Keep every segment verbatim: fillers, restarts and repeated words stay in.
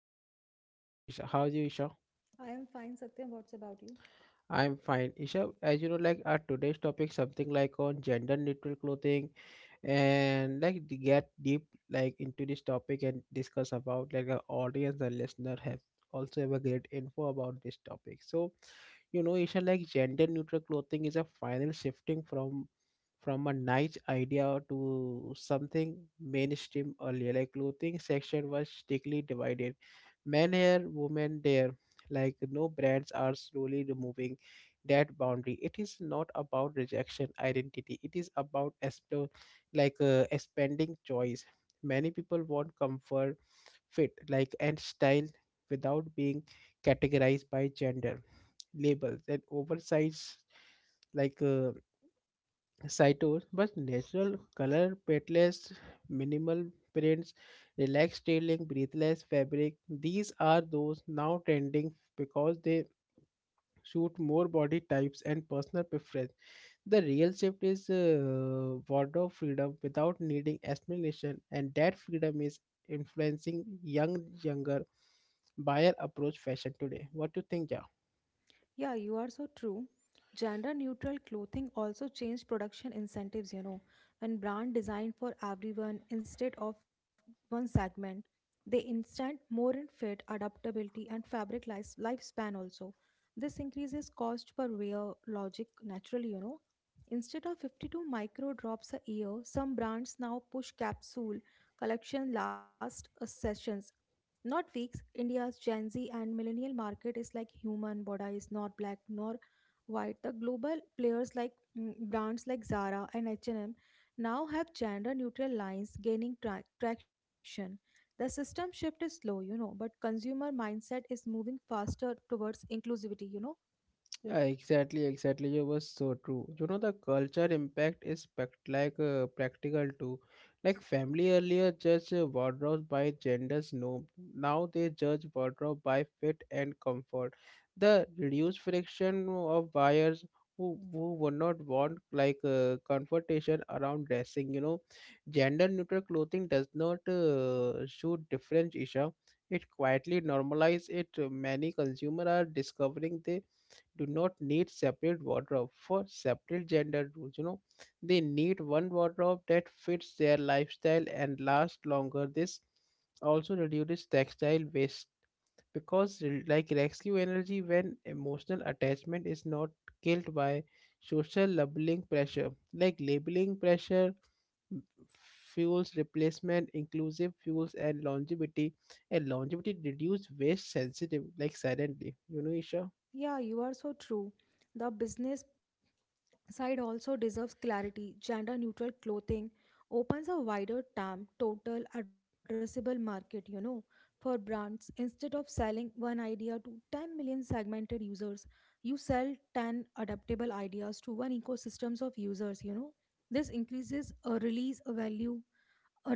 me is our co-host Isha. How are you Isha? I am fine, Satyam. What's about you? I'm fine. Isha, as you know, like our today's topic, something like on gender neutral clothing, and like to get deep like into this topic and discuss about like our audience and listener have also have a great info about this topic. So, you know, Isha, like gender neutral clothing is a final shifting from from a niche idea to something mainstream earlier. Like clothing section was strictly divided, men here, women there. Like no brands are slowly removing that boundary, it is not about rejection identity, it is about explore, like uh, expanding choice, many people want comfort fit like and style without being categorized by gender labels and oversized like uh, cytos but natural color petless minimal prints relaxed tailing breathless fabric. These are those now trending because they suit more body types and personal preference. The real shift is uh, wardrobe freedom without needing explanation, and that freedom is influencing young, younger buyer approach fashion today. What do you think, Ja? Yeah, you are so true. Gender neutral clothing also changed production incentives, you know, when brand designed for everyone instead of one segment. They instant more in fit, adaptability, and fabric life, lifespan also. This increases cost per wear logic naturally, you know. Instead of fifty-two micro drops a year, some brands now push capsule collection last uh, sessions. Not weeks. India's Gen Z and millennial market is like human, Boda is not black nor white. The global players like mm, brands like Zara and H and M now have gender neutral lines gaining tra- traction. The system shift is slow, you know, but consumer mindset is moving faster towards inclusivity, you know. Yeah, exactly, exactly. It was so true. You know, the culture impact is pact- like uh, practical too. Like family earlier judged uh, wardrobes by genders, no. Now they judge wardrobe by fit and comfort. The reduced friction of buyers who who would not want like uh, confrontation around dressing. You know, gender neutral clothing does not uh, show difference, Isha. It quietly normalizes it. Many consumers are discovering they do not need separate wardrobe for separate gender roles, you know, they need one wardrobe that fits their lifestyle and lasts longer. This also reduces textile waste because re- like rescue energy when emotional attachment is not killed by social labeling pressure, like labeling pressure fuels replacement inclusive fuels and longevity, and longevity reduce waste sensitive like silently, you know, Isha. Yeah, you are so true. The business side also deserves clarity. Gender neutral clothing opens a wider TAM, total addressable market, you know, for brands. Instead of selling one idea to ten million segmented users, you sell ten adaptable ideas to one ecosystems of users, you know. This increases a release value,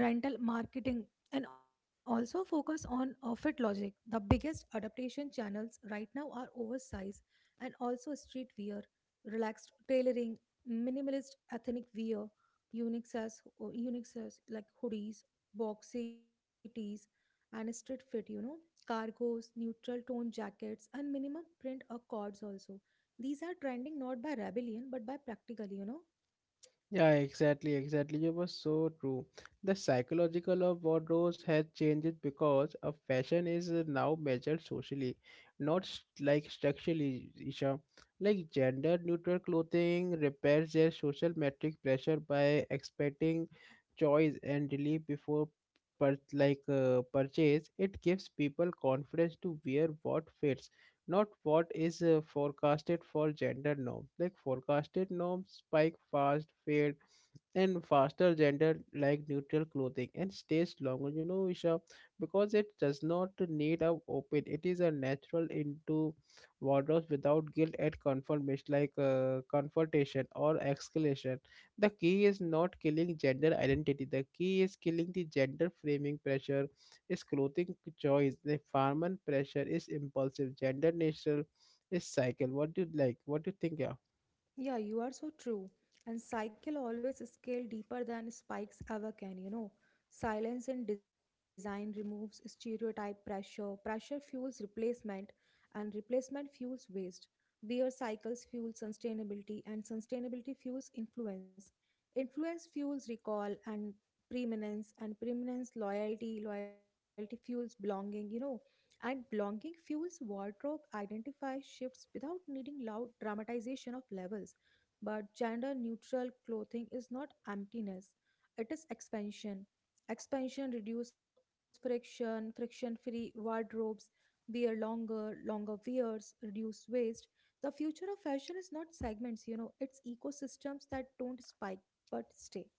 rental marketing, and also focus on off logic. The biggest adaptation channels right now are oversize and also street wear, relaxed tailoring, minimalist ethnic wear, unique as unique as like hoodies, boxy tees, and street fit. You know, cargos, neutral tone jackets, and minimum print accords also. These are trending not by rebellion but by practically, you know. Yeah, exactly, exactly. You were so true. The psychological of wardrobes has changed because a fashion is uh, now measured socially, not st- like structurally, Isha. Like gender neutral clothing repairs their social metric pressure by expecting choice and relief before pur- like uh, purchase. It gives people confidence to wear what fits, not what is uh, forecasted for gender norms. Like forecasted norms spike fast, fade and faster gender like neutral clothing and stays longer, you know, Isha, because it does not need a open, it is a natural into wardrobes without guilt and confirmation, like uh, confrontation or escalation. The key is not killing gender identity, the key is killing the gender framing pressure is clothing choice, the farmer pressure is impulsive, gender natural is cycle. What do you like, what do you think? Yeah. Yeah, you are so true. And cycle always scale deeper than spikes ever can, you know. Silence in design removes stereotype pressure, pressure fuels replacement, and replacement fuels waste. Wear cycles fuel sustainability, and sustainability fuels influence. Influence fuels recall and preeminence, and preeminence loyalty, loyalty fuels belonging, you know. And belonging fuels wardrobe, identify shifts without needing loud dramatization of levels, but gender neutral clothing is not emptiness, it is expansion. Expansion reduces friction, friction free wardrobes, wear longer, longer wears, reduce waste. The future of fashion is not segments, you know, it's ecosystems that don't spike but stay.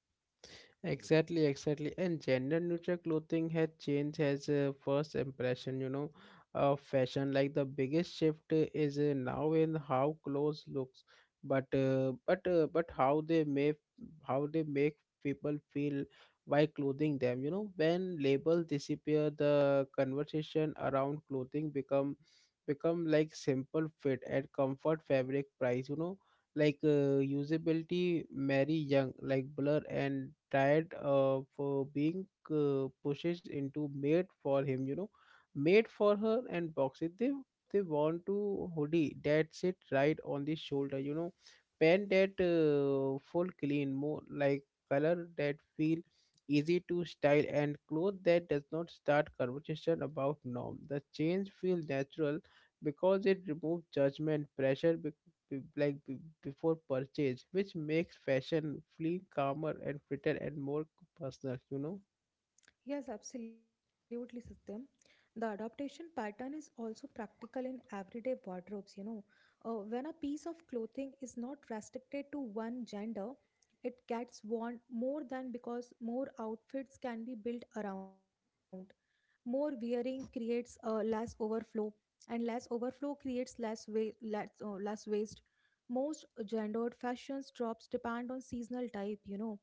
Exactly, exactly. And gender neutral clothing has changed as a first impression, you know, of fashion. Like the biggest shift uh, is uh, now in how clothes looks, but uh, but uh, but how they make how they make people feel while clothing them. You know, when labels disappear, the conversation around clothing become become like simple fit and comfort fabric price. You know, like uh, usability Mary Young, like Blur and tired of uh, being, uh, pushed into made for him, you know, made for her and boxes. They they want to hoodie that sit right on the shoulder, you know, pen that uh, full clean more, like color that feel easy to style and clothes that does not start conversation about norm. The change feel natural because it removes judgment pressure be- like be- before purchase, which makes fashion feel calmer and fitter and more personal, you know. Yes, absolutely, Satyam. The adaptation pattern is also practical in everyday wardrobes, you know. Uh, when a piece of clothing is not restricted to one gender, it gets worn more than because more outfits can be built around. More wearing creates uh, less overflow, and less overflow creates less, wa- less, uh, less waste. Most gendered fashions drops depend on seasonal type, you know,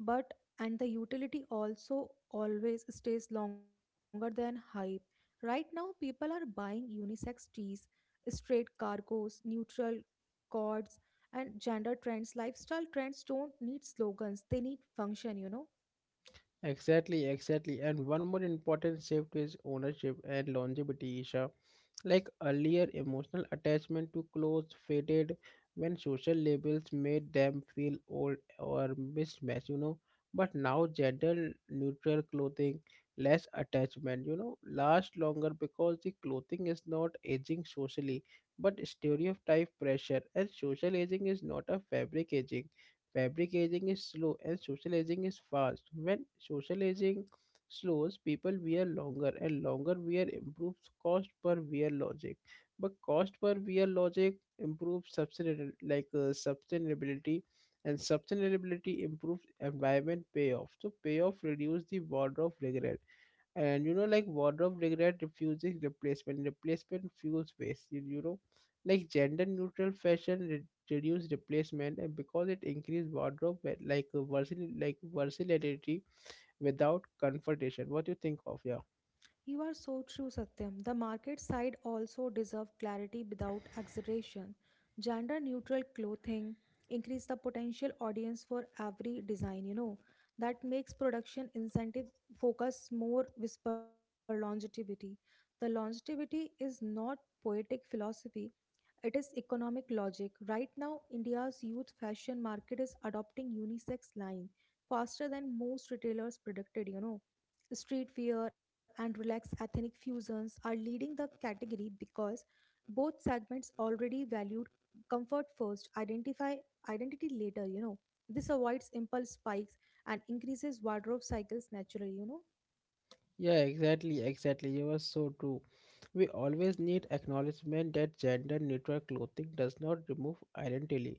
but and the utility also always stays longer than hype. Right now, people are buying unisex tees, straight cargos, neutral cords, and gender trends. Lifestyle trends don't need slogans, they need function, you know. Exactly, exactly. And one more important shift is ownership and longevity, Isha. Like earlier, emotional attachment to clothes faded when social labels made them feel old or mismatched, you know. But now, gender neutral clothing, less attachment, you know, last longer because the clothing is not aging socially, but stereotype pressure. And social aging is not a fabric aging. Fabric aging is slow and social aging is fast. When social aging slows, people wear longer and longer wear improves cost per wear logic. But cost per wear logic improves sustainability, like uh, sustainability, and sustainability improves environment payoff. So payoff reduce the wardrobe regret, and you know, like wardrobe regret refuses replacement, replacement fuels waste, you, you know, like gender neutral fashion re- reduce replacement and because it increase wardrobe wa- like uh, versatility, like versatility without confrontation. What do you think of? Yeah. You are so true, Satyam. The market side also deserve clarity without exaggeration. Gender neutral clothing increase the potential audience for every design, you know. That makes production incentive focus more whisper longevity. The longevity is not poetic philosophy, it is economic logic. Right now, India's youth fashion market is adopting unisex line faster than most retailers predicted, you know. Street wear and relaxed ethnic fusions are leading the category because both segments already valued comfort first, identify identity later, you know. This avoids impulse spikes and increases wardrobe cycles naturally, you know. Yeah, exactly, exactly. You were so true. We always need acknowledgement that gender neutral clothing does not remove identity.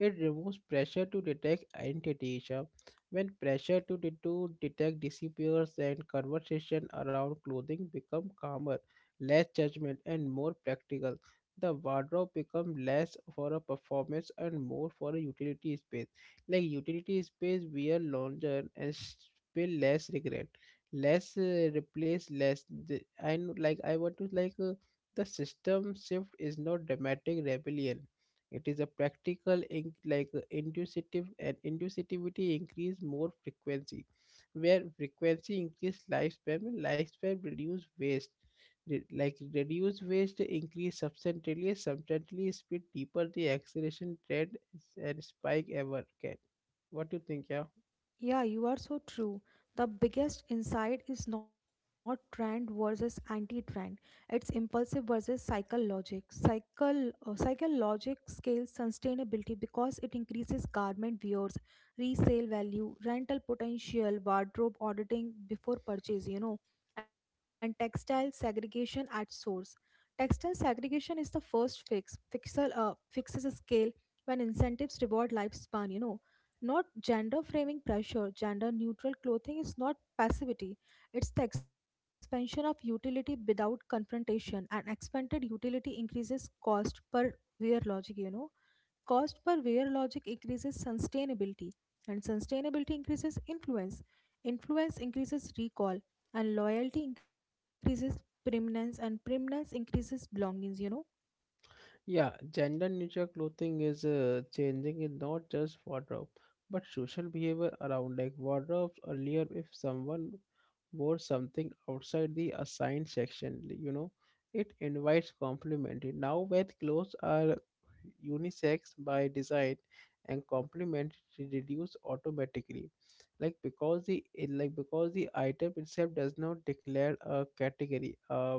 It removes pressure to detect identity, Isha. When pressure to, de- to detect disappears, and conversation around clothing become calmer, less judgment, and more practical. The wardrobe become less for a performance and more for a utility space. Like utility space, wear longer and s- feel less regret, less uh, replace less the, I kn- like I want to like uh, the system shift is not dramatic rebellion, it is a practical in, like uh, inducitive, and inducitivity increase more frequency where frequency increase lifespan and lifespan reduce waste. Re- like reduce waste increase substantially substantially speed deeper the acceleration trend and spike ever can. What do you think? Yeah. Yeah, you are so true. The biggest insight is not trend versus anti-trend. It's impulsive versus cycle logic. Cycle uh, cycle logic scales sustainability because it increases garment viewers, resale value, rental potential, wardrobe auditing before purchase, you know, and textile segregation at source. Textile segregation is the first fix. Fixal uh, Fixes a scale when incentives reward lifespan, you know, not gender framing pressure. Gender neutral clothing is not passivity, it's the expansion of utility without confrontation. And expanded utility increases cost per wear logic, you know. Cost per wear logic increases sustainability, and sustainability increases influence. Influence increases recall, and loyalty increases permanence, and permanence increases belongings, you know. Yeah, gender neutral clothing is uh, changing in not just wardrobe but social behavior around like wardrobes. Earlier if someone wore something outside the assigned section, you know, it invites complimentary. Now when clothes are unisex by design and complementary reduce automatically. Like because the like because the item itself does not declare a category. Uh,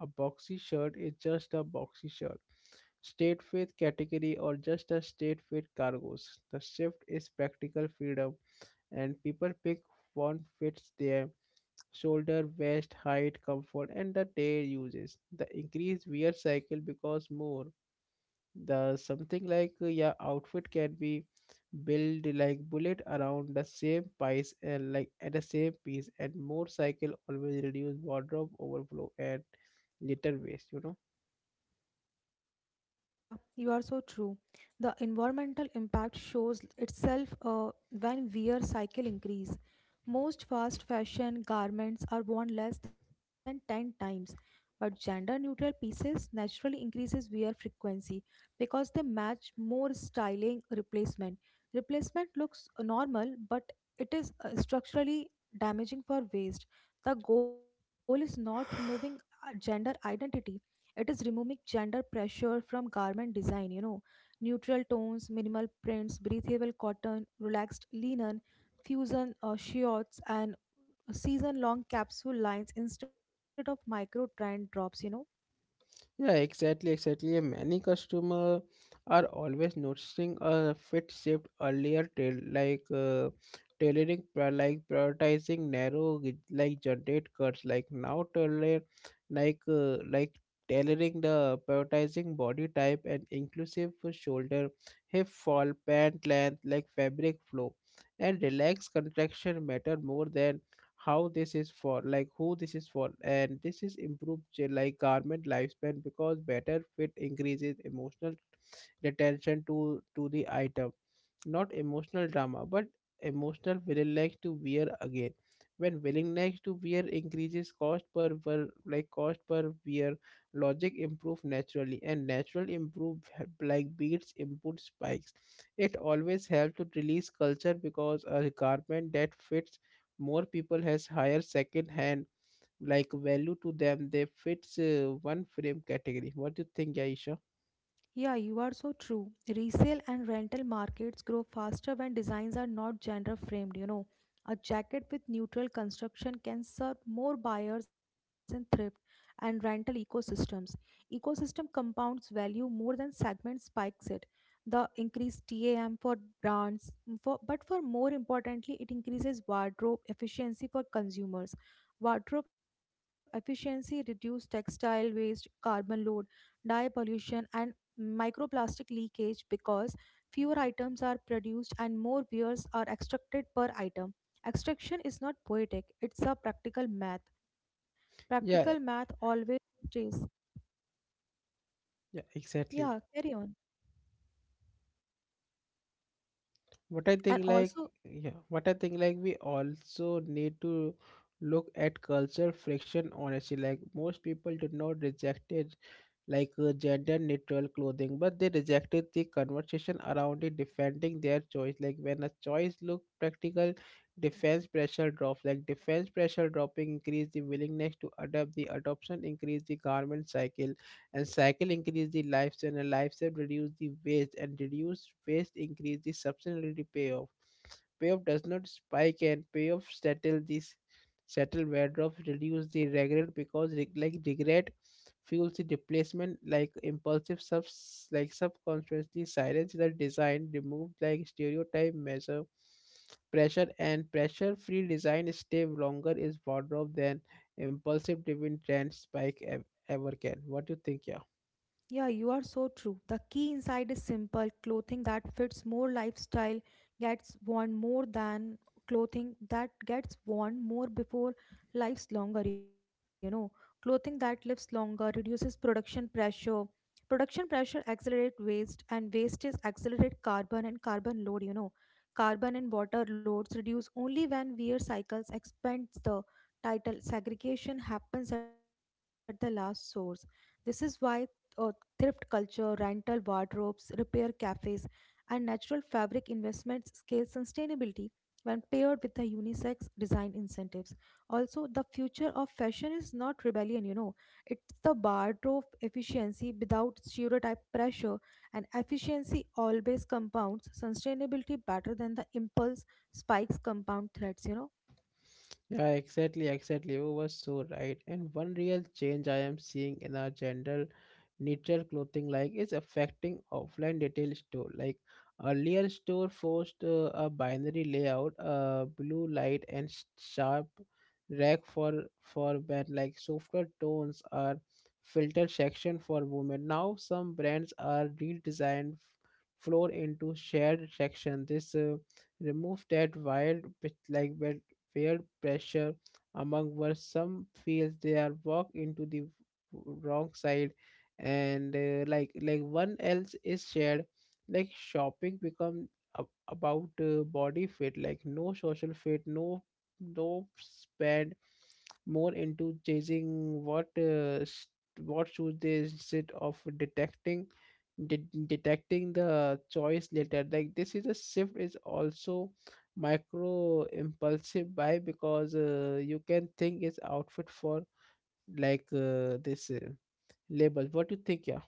A boxy shirt is just a boxy shirt. State fit category or just a state fit cargoes. The shift is practical freedom and people pick what fits their shoulder, waist, height, comfort and the day uses. The increased wear cycle because more. The something like uh, your outfit can be build like bullet around the same piece and like at the same piece and more cycle always reduce wardrobe overflow and little waste, you know. Yeah, you are so true. The environmental impact shows itself uh, when wear cycle increase. Most fast fashion garments are worn less than ten times, but gender neutral pieces naturally increases wear frequency because they match more styling replacement. Replacement looks normal, but it is uh, structurally damaging for waist. The goal is not removing uh, gender identity, it is removing gender pressure from garment design, you know, neutral tones, minimal prints, breathable cotton, relaxed linen, fusion uh, shirts, and season long capsule lines instead of micro trend drops, you know. Yeah, exactly, exactly. And many customer are always noticing a fit shift earlier, tail like uh, tailoring pri- like prioritizing narrow g- like generate cuts, like now tailor like uh, like tailoring the prioritizing body type and inclusive for shoulder hip fall pant length, like fabric flow and relaxed contraction matter more than how this is for, like who this is for, and this is improved j- like garment lifespan because better fit increases emotional retention to to the item, not emotional drama, but emotional willingness to wear again. When willingness to wear increases, cost per wear, like cost per wear logic improve naturally, and natural improve like beats input spikes. It always helps to release culture because a garment that fits more people has higher second hand like value to them. They fits uh, one frame category. What do you think, Aisha? Yeah, you are so true. Resale and rental markets grow faster when designs are not genre framed, you know. A jacket with neutral construction can serve more buyers in thrift and rental ecosystems. Ecosystem compounds value more than segment spikes it. The increased TAM for brands, mm, for, but for more importantly, it increases wardrobe efficiency for consumers. Wardrobe efficiency reduces textile waste, carbon load, dye pollution and microplastic leakage because fewer items are produced and more viewers are extracted per item. Extraction is not poetic, it's a practical math. Yeah, Practical math always stays. yeah, exactly. Yeah, carry on. what i think And like also, yeah, what I think, like, we also need to look at culture friction honestly. Like most people do not reject it, like uh, gender neutral clothing, but they rejected the conversation around it, defending their choice. Like when a choice looked practical, defense pressure drops. Like defense pressure dropping increase the willingness to adapt. The adoption increase the garment cycle, and cycle increase the lifestyle, and lifestyle reduce the waste, and reduce waste increase the sustainability payoff. Payoff does not spike, and payoff settle this settle wardrobe reduce the regret because reg- like regret fuels the replacement, like impulsive subs like subconsciously silence the design remove like stereotype measure pressure and pressure free design stay longer is wardrobe than impulsive driven trend spike ev- ever can. What do you think? Yeah. yeah, you are so true. The key inside is simple clothing that fits more lifestyle gets worn more than clothing that gets worn more before lives longer, you know. Clothing that lives longer reduces production pressure. Production pressure accelerates waste and waste is accelerate carbon and carbon load, you know. Carbon and water loads reduce only when wear cycles expands the title. Segregation happens at the last source. This is why uh, thrift culture, rental wardrobes, repair cafes, and natural fabric investments scale sustainability when paired with the unisex design incentives. Also, the future of fashion is not rebellion, you know, it's the wardrobe efficiency without stereotype pressure, and efficiency always compounds sustainability better than the impulse spikes compound threats, you know. Yeah, exactly, exactly. You were so right. And one real change I am seeing in our general nature clothing, like, is affecting offline retail store. Like earlier store forced uh, a binary layout, uh, blue light and sh- sharp rack for for men. Like softer tones are filter section for women. Now some brands are redesigned f- floor into shared section. This uh, remove that wild bit like bit fair pressure among where some feels they are walk into the wrong side and uh, like like one else is shared like shopping become ab- about uh, body fit like no social fit no no spend more into chasing what uh, s- what shoes they sit of detecting de- detecting the choice later like this is a shift is also micro impulsive buy because uh, you can think it's outfit for like uh, this uh, label. What do you think? Yeah.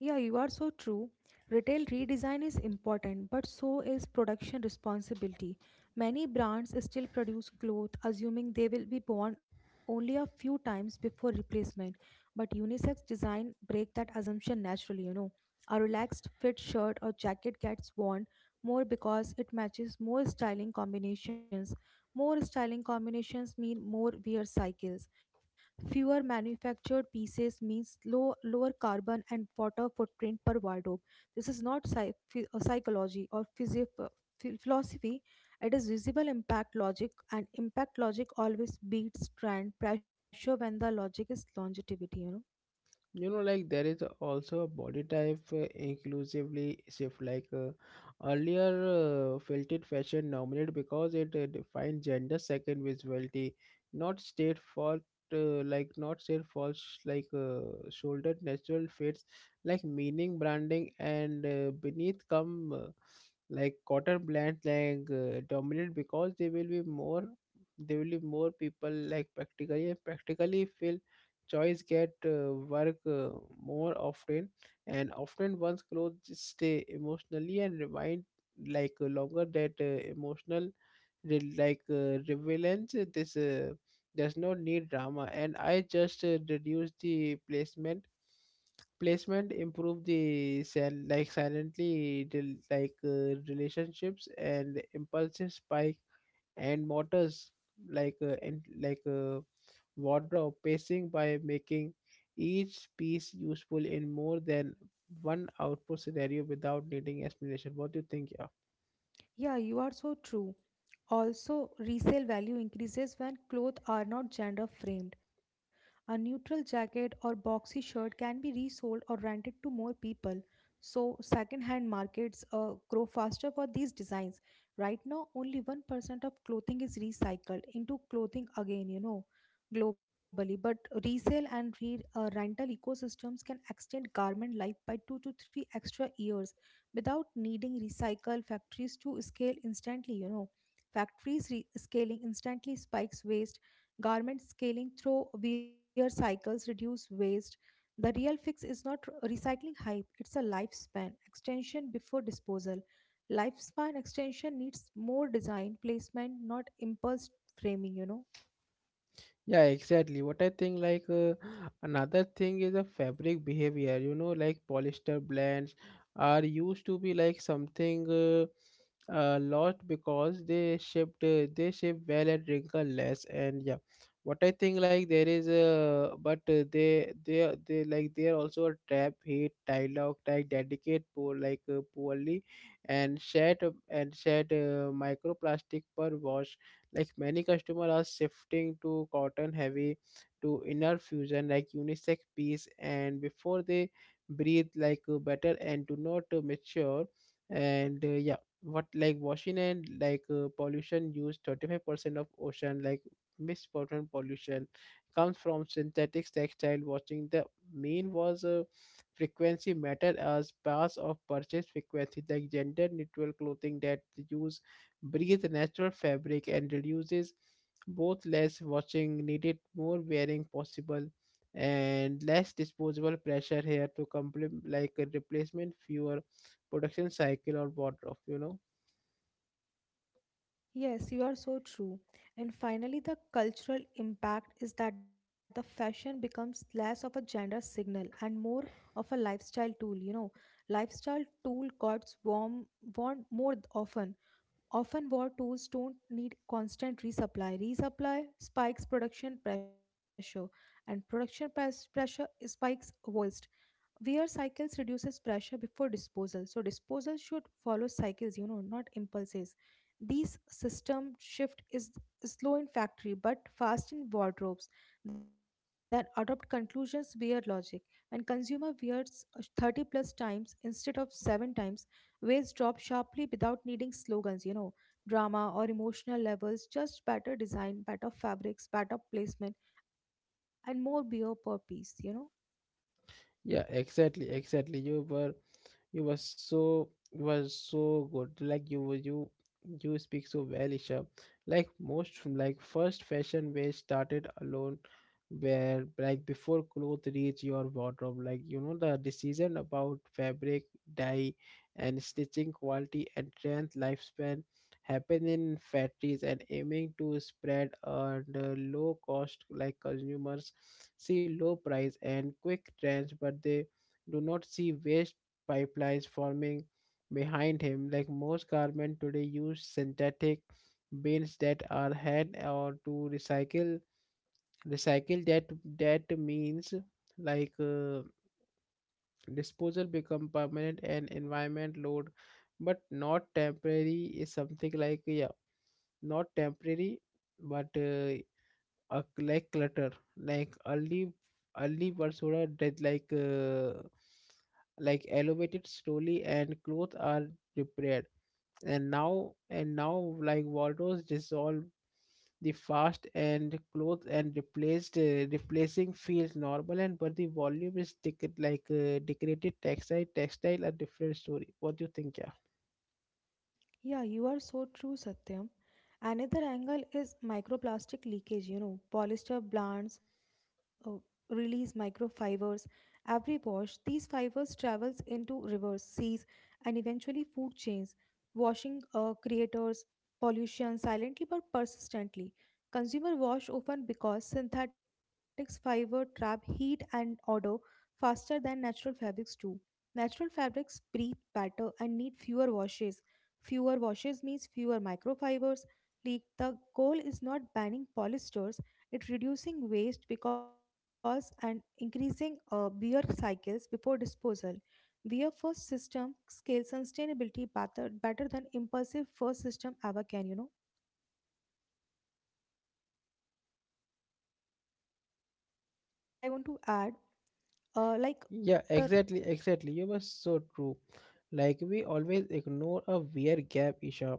Yeah, you are so true. Retail redesign is important, but so is production responsibility. Many brands still produce clothes assuming they will be worn only a few times before replacement, but unisex design break that assumption naturally, you know. A relaxed fit shirt or jacket gets worn more because it matches more styling combinations. More styling combinations mean more wear cycles. Fewer manufactured pieces means low, lower carbon and water footprint per wardrobe. This is not psy- phy- uh, psychology or physi- uh, phi- philosophy. It is visible impact logic, and impact logic always beats trend pressure when the logic is longevity. You know. You know, like there is also a body type uh, inclusively shift like uh, earlier uh, filtered fashion dominated because it uh, defined gender second visibility not state fault, uh, like not state false like uh, shouldered natural fits like meaning branding and uh, beneath come uh, like cotton blends like uh, dominate because they will be more they will be more people like practically practically feel choice get uh, work uh, more often and often one's clothes stay emotionally and remind like uh, longer that uh, emotional re- like uh, relevance. Uh, this uh, does not need drama and I just uh, reduce the placement placement improve the sil- like silently del- like uh, relationships and impulsive spike and motors like uh, and like uh, wardrobe pacing by making each piece useful in more than one output scenario without needing explanation. What do you think? Yeah. Yeah, you are so true. Also, resale value increases when clothes are not gender framed. A neutral jacket or boxy shirt can be resold or rented to more people. So, second-hand markets uh, grow faster for these designs. Right now, only one percent of clothing is recycled into clothing again, you know, globally. But resale and re- uh, rental ecosystems can extend garment life by two to three extra years without needing recycle factories to scale instantly, you know. Factories re- scaling instantly spikes waste. Garment scaling through wear cycles reduce waste. The real fix is not r- recycling hype, it's a lifespan extension before disposal. Lifespan extension needs more design placement, not impulse framing, you know. Yeah, exactly. What I think, like uh, another thing is a fabric behavior. You know, like polyester blends are used to be like something uh, uh, lost because they shipped uh, they ship well and wrinkle less. And yeah, what I think, like there is a but uh, they they are- they like they are also a trap heat dialogue like dedicate poor like uh, poorly and shed and shed uh, microplastic per wash. Like many customers are shifting to cotton heavy to inner fusion like unisex piece and before they breathe like uh, better and do not uh, mature and uh, yeah, what like washing and like uh, pollution use thirty-five percent of ocean like misfortune pollution comes from synthetic textile washing. The mean was uh, frequency matter as parts of purchase frequency like gender neutral clothing that use breathe natural fabric and reduces both less washing needed, more wearing possible, and less disposable pressure here to complete like a replacement fewer production cycle or wardrobe, you know. Yes, you are so true. And finally, the cultural impact is that the fashion becomes less of a gender signal and more of a lifestyle tool. You know, lifestyle tool got warm worn more often. Often, war tools don't need constant resupply. Resupply spikes production pressure, and production pres- pressure spikes waste. Wear cycles reduces pressure before disposal. So disposal should follow cycles, you know, not impulses. These system shift is slow in factory but fast in wardrobes that adopt conclusions via logic. When consumer wears uh, thirty plus times instead of seven times, waist drop sharply without needing slogans, you know, drama or emotional levels, just better design, better fabrics, better placement and more beer per piece, you know. Yeah, exactly, exactly. You were you were so you were so good. Like you were you you speak so well, Isha. Like most from like first fashion wave started alone where like before clothes reach your wardrobe. Like you know the decision about fabric, dye and stitching quality and trend lifespan happen in factories and aiming to spread and uh, low cost like consumers see low price and quick trends but they do not see waste pipelines forming behind him. Like most garment today use synthetic bins that are hand or to recycle recycle that that means like uh, disposal become permanent and environment load but not temporary is something like yeah not temporary but uh, a- like clutter like early early basura did like uh, like elevated slowly and clothes are repaired and now and now like wardrobes dissolve the fast and clothes and replaced uh, replacing feels normal and but the volume is ticket like uh, decorated textile textile a different story. What do you think? Yeah. Yeah, you are so true, Satyam. Another angle is microplastic leakage. You know, polyester plants uh, release microfibers every wash. These fibers travels into rivers, seas, and eventually food chains. Washing uh, creators pollution silently but persistently. Consumer wash often because synthetic fiber trap heat and odor faster than natural fabrics do. Natural fabrics breathe better and need fewer washes. Fewer washes means fewer microfibers leak. The goal is not banning polystores, it's reducing waste because and increasing uh, wear cycles before disposal. Wear first system scales sustainability better, better than impulsive first system ever can, you know. And also, I want to add, uh, like Yeah, the exactly, exactly. You were so true. Like we always ignore a wear gap, Isha.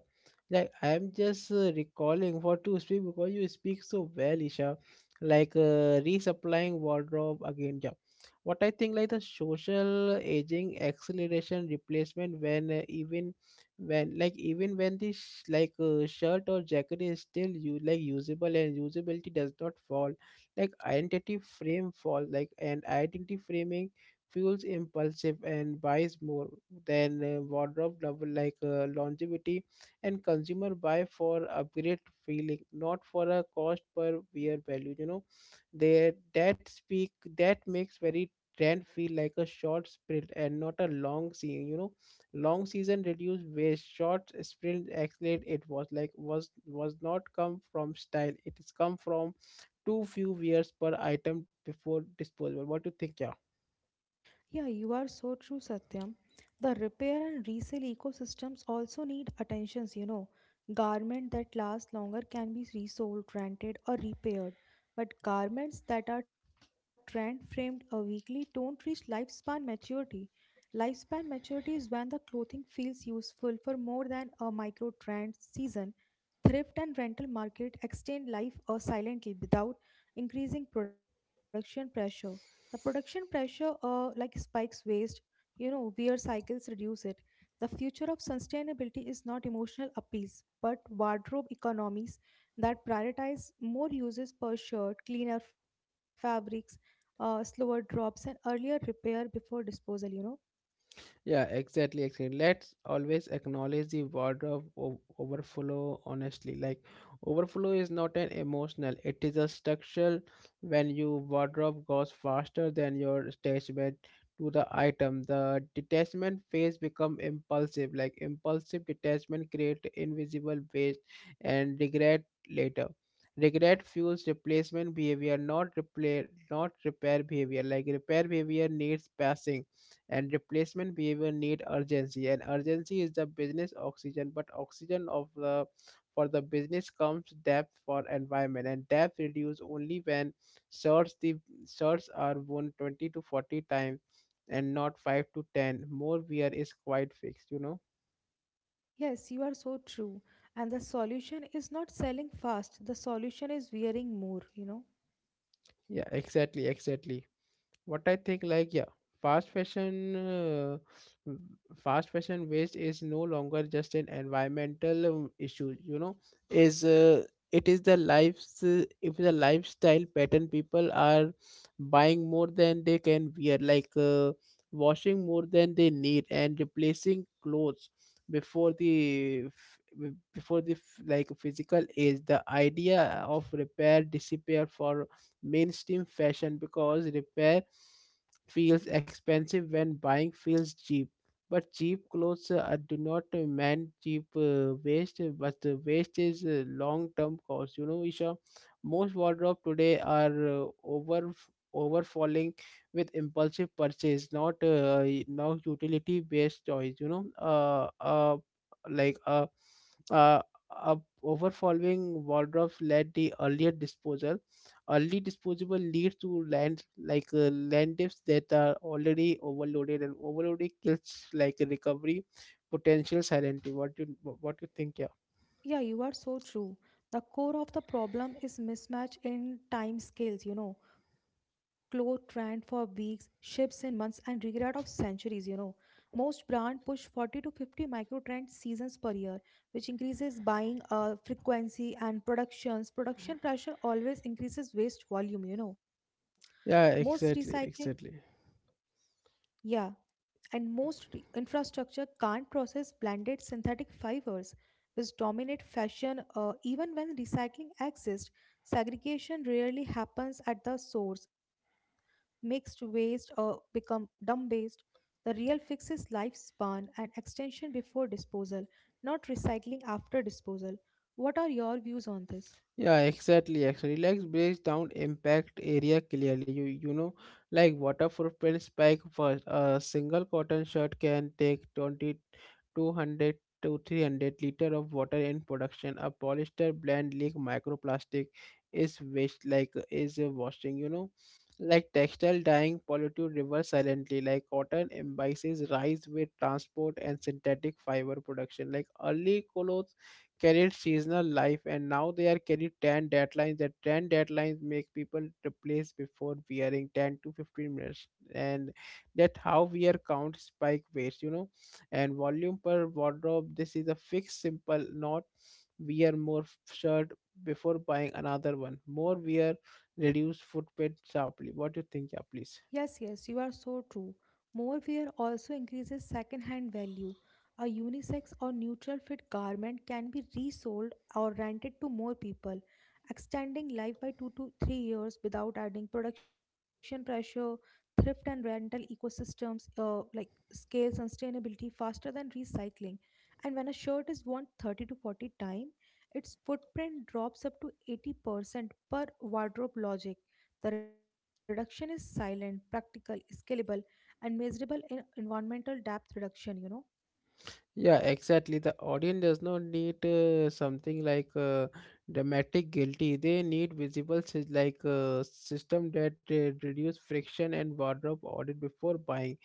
Like I'm just uh, recalling what to speak because you speak so well, Isha. Like uh, resupplying wardrobe again. Yeah, what I think like the social aging acceleration replacement when uh, even when like even when this sh- like uh, shirt or jacket is still you like usable and usability does not fall like identity frame fall like and identity framing fuels impulsive and buys more than uh, wardrobe level like uh, longevity and consumer buy for upgrade feeling not for a cost per wear value, you know. They that speak that makes very trend feel like a short sprint and not a long season, you know. Long season reduce waste short sprint accelerate it was like was was not come from style, it is come from too few wears per item before disposable. What do you think? Yeah. yeah, you are so true, Satyam. The repair and resale ecosystems also need attentions, you know. Garment that last longer can be resold, rented, or repaired, but garments that are trend framed or weekly don't reach lifespan maturity. Lifespan maturity is when the clothing feels useful for more than a micro trend season. Thrift and rental market extend life uh, silently without increasing production pressure. The production pressure uh, like spikes waste, you know, wear cycles reduce it. The future of sustainability is not emotional appeals, but wardrobe economies that prioritize more uses per shirt, cleaner fabrics, uh, slower drops, and earlier repair before disposal, you know. Yeah, exactly, exactly. Let's always acknowledge the wardrobe o- overflow honestly. Like overflow is not an emotional, it is a structural when your wardrobe goes faster than your attachment to the item. The detachment phase become impulsive. Like impulsive detachment create invisible waste and regret later. Regret fuels replacement behavior, not repair, not repair behavior. Like repair behavior needs passing and replacement behavior need urgency and urgency is the business oxygen but oxygen of the for the business comes depth for environment and depth reduce only when search the search are one twenty to forty times and not five to ten more wear is quite fixed, you know. Yes, you are so true. And the solution is not selling fast, the solution is wearing more, you know. Yeah, exactly, exactly. What I think, like yeah, fast fashion uh, w- fast fashion waste is no longer just an environmental um, issue, you know. Is uh, it is the lives uh, if the lifestyle pattern people are buying more than they can wear like uh, washing more than they need and replacing clothes before the f- before the f- like physical age the idea of repair disappear for mainstream fashion because repair feels expensive when buying feels cheap. But cheap clothes uh, do not uh, mean cheap uh, waste, but the waste is a long-term cost. You know, Isha, most wardrobe today are uh, over overfalling with impulsive purchase, not uh, now utility-based choice. You know, uh, uh, like uh, uh, uh, overfalling wardrobes led the earlier disposal. Early disposable leads to land like uh, land depths that are already overloaded, and overloading kills like recovery potential silently. What do you what you think? Yeah, Yeah, you are so true. The core of the problem is mismatch in time scales, you know. Clothes trend for weeks, ships in months, and regret of centuries, you know. Most brand push forty to fifty micro trend seasons per year, which increases buying uh, frequency and productions. Production pressure always increases waste volume, you know. Most yeah, recycling, exactly, exactly. yeah, and most re- infrastructure can't process blended synthetic fibers, which dominate fashion uh, even when recycling exists. Segregation rarely happens at the source. Mixed waste uh, become dumb waste. The real fix is lifespan and extension before disposal, not recycling after disposal. What are your views on this? Yeah, exactly. Actually, relax breaks down impact area clearly. You you know, like water footprint spike first. A single cotton shirt can take 20 200 to three hundred liter of water in production. A polyester blend leak microplastic is waste like is uh, washing. You know, like textile dyeing pollute rivers silently. Like cotton imbices rise with transport and synthetic fiber production. Like early clothes carried seasonal life and now they are carried ten deadlines the ten deadlines make people replace before wearing ten to fifteen minutes and that how we are count spike waste, you know, and volume per wardrobe. This is a fixed, simple, not wear more f- shirt before buying another one. More wear, reduce footprint sharply. What do you think, yeah, please? Yes, yes, you are so true. Morewear also increases second-hand value. A unisex or neutral fit garment can be resold or rented to more people, extending life by two to three years without adding production pressure. Thrift and rental ecosystems, uh, like, scale sustainability faster than recycling. And when a shirt is worn thirty to forty time, its footprint drops up to eighty percent per wardrobe logic. The reduction is silent, practical, scalable, and measurable in environmental depth reduction, you know. Yeah, exactly. The audience does not need uh, something like uh, dramatic guilty. They need visible sys- like uh, system that uh, reduce friction and wardrobe audit before buying,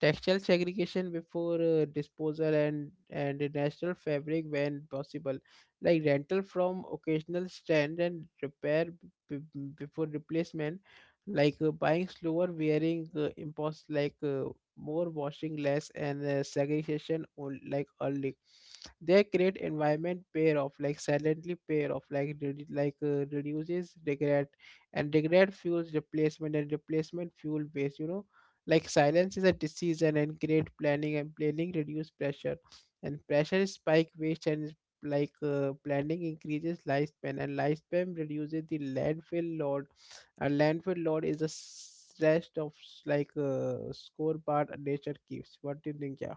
textile segregation before uh, disposal, and and a national fabric when possible, like rental from occasional stand and repair b- b- before replacement, like uh, buying slower wearing uh, impulse like. Uh, more washing less and uh, segregation on like early they create environment pair of like silently pair of like redu- like uh, reduces regret and regret fuels replacement and replacement fuel waste, you know. Like silence is a decision and, and create planning and planning reduce pressure and pressure spike waste and like uh, planning increases lifespan and lifespan reduces the landfill load. A landfill load is a rest of s- like uh, score part nature keeps. What do you think? Yeah.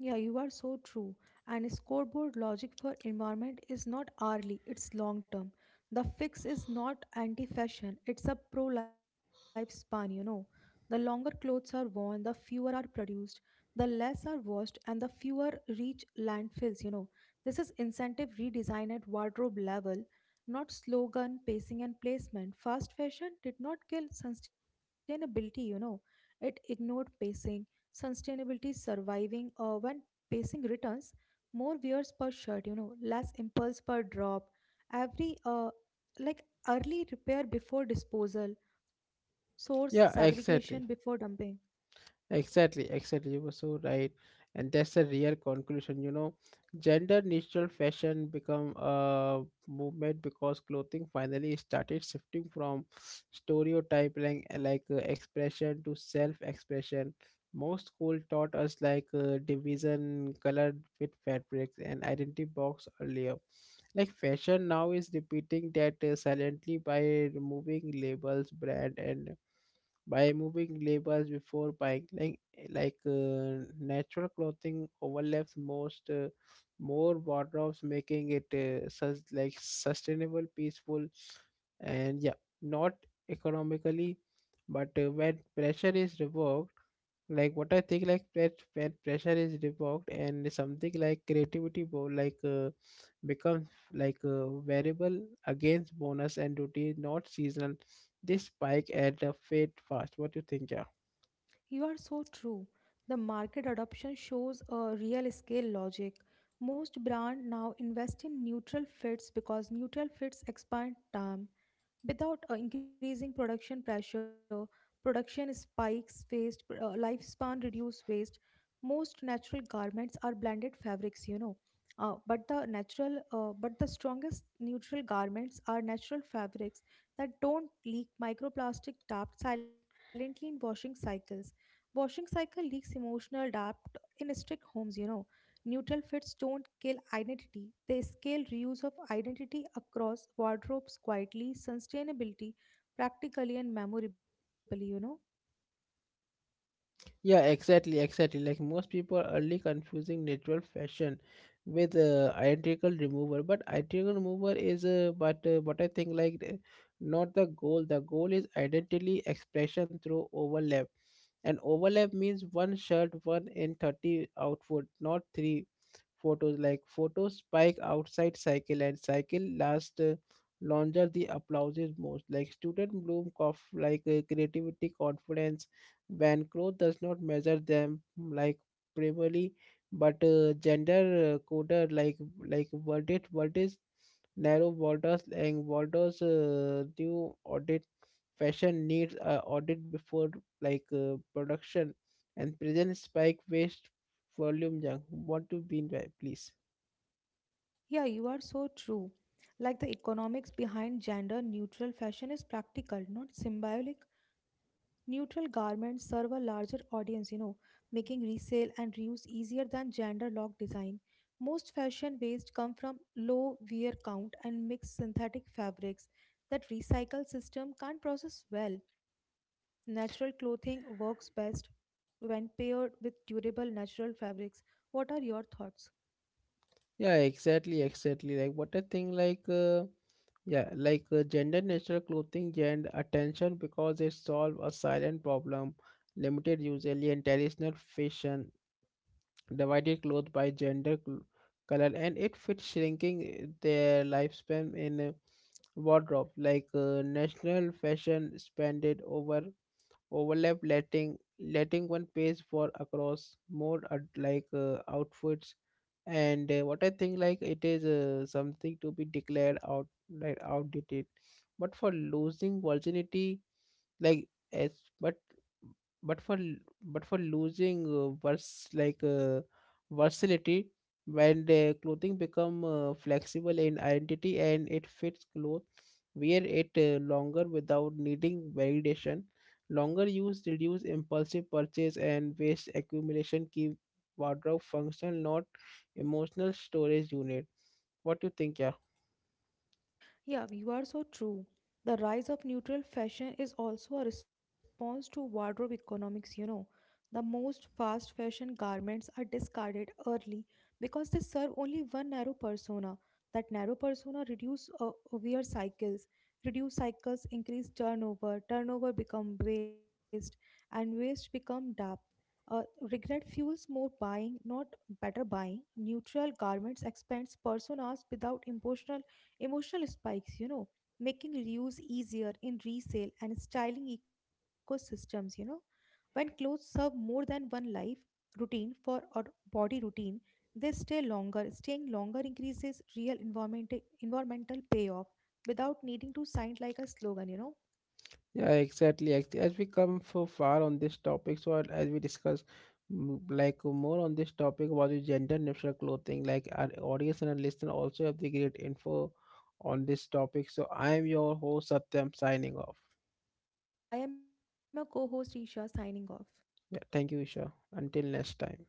Yeah, you are so true. And scoreboard logic for environment is not hourly, it's long term. The fix is not anti fashion, it's a pro lifespan, you know. The longer clothes are worn, the fewer are produced, the less are washed, and the fewer reach landfills, you know. This is incentive redesign at wardrobe level, not slogan, pacing, and placement. Fast fashion did not kill sustainability, you know, it ignored pacing. Sustainability is surviving uh, when pacing returns, more wears per shirt, you know, less impulse per drop. Every uh, like early repair before disposal, source Yeah. segregation before Exactly. dumping. Exactly. Exactly. You were so right, and that's a real conclusion. You know, gender neutral fashion become a movement because clothing finally started shifting from stereotype like, like uh, expression to self expression. Most school taught us like uh, division color with fabrics and identity box earlier. Like fashion now is repeating that uh, silently by removing labels, brand, and by moving labels before buying. Like like uh, natural clothing overlaps most uh, more wardrobes, making it uh, sus- like sustainable, peaceful, and yeah, not economically. But uh, when pressure is revoked, like what I think, like when when pressure is revoked and something like creativity, bo- like. Uh, becomes like a variable against bonus and duty, not seasonal. This spike at a fate fast. What do you think, yeah? You are so true. The market adoption shows a real scale logic. Most brands now invest in neutral fits because neutral fits expand time without uh, increasing production pressure. Production spikes waste, pr- uh, lifespan reduce waste. Most natural garments are blended fabrics, you know. Uh, but the natural, uh, but the strongest neutral garments are natural fabrics that don't leak microplastic trapped silently in washing cycles. Washing cycle leaks emotional depth in strict homes, you know. Neutral fits don't kill identity. They scale reuse of identity across wardrobes quietly, sustainability, practically and memorably, you know. Yeah, exactly, exactly. Like most people are early confusing natural fashion with uh, identical remover, but identical remover is uh, but uh, but I think like the- not the goal. The goal is identity expression through overlap. And overlap means one shirt, one in thirty output, not three photos. Like photos spike outside cycle and cycle last uh, longer the applause is most. Like student bloom of like uh, creativity, confidence. When growth does not measure them like primarily, but uh, gender uh, coder like like verdict verdict narrow borders and borders uh, new audit fashion needs uh, audit before like uh, production and present spike waste volume junk. What to be in by, please? Yeah, you are so true. Like the economics behind gender neutral fashion is practical, not symbolic. Neutral garments serve a larger audience, you know, making resale and reuse easier than gender locked design. Most fashion waste come from low wear count and mixed synthetic fabrics that recycle system can't process well. Natural clothing works best when paired with durable natural fabrics. What are your thoughts? Yeah, exactly, exactly. Like what I think, like uh, yeah like uh, gender neutral clothing gained attention because it solved a silent problem limited usually in traditional fashion divided clothes by gender cl- color and it fits shrinking their lifespan in uh, wardrobe like uh, national fashion spent over overlap letting letting one page for across more uh, like uh, outfits. And uh, what I think, like it is uh, something to be declared out like outdated but for losing virginity, like as but but for l- but for losing uh, vers like uh, versatility. When the clothing become uh, flexible in identity and it fits clothes wear it uh, longer without needing validation. Longer use reduce impulsive purchase and waste accumulation, keep wardrobe functional, not emotional storage unit. What do you think, yeah? Yeah, you are so true. The rise of neutral fashion is also a response to wardrobe economics, you know. The most fast fashion garments are discarded early because they serve only one narrow persona. That narrow persona reduce uh, wear cycles. Reduce cycles increase turnover. Turnover become waste and waste become depth. Uh, Regret fuels more buying, not better buying. Neutral garments expands personas without emotional, emotional spikes, you know, making reuse easier in resale and styling ecosystems, you know. When clothes serve more than one life routine for or body routine, they stay longer. Staying longer increases real environment, environmental payoff without needing to sign like a slogan, you know. Yeah, exactly. Ex- As we come so far on this topic, so I'll- as we discuss mm, like more on this topic about the gender neutral clothing, like our audience and our listener also have the great info on this topic. So I am your host Satyam signing off. I am your co host Isha signing off. Yeah, thank you, Isha. Until next time.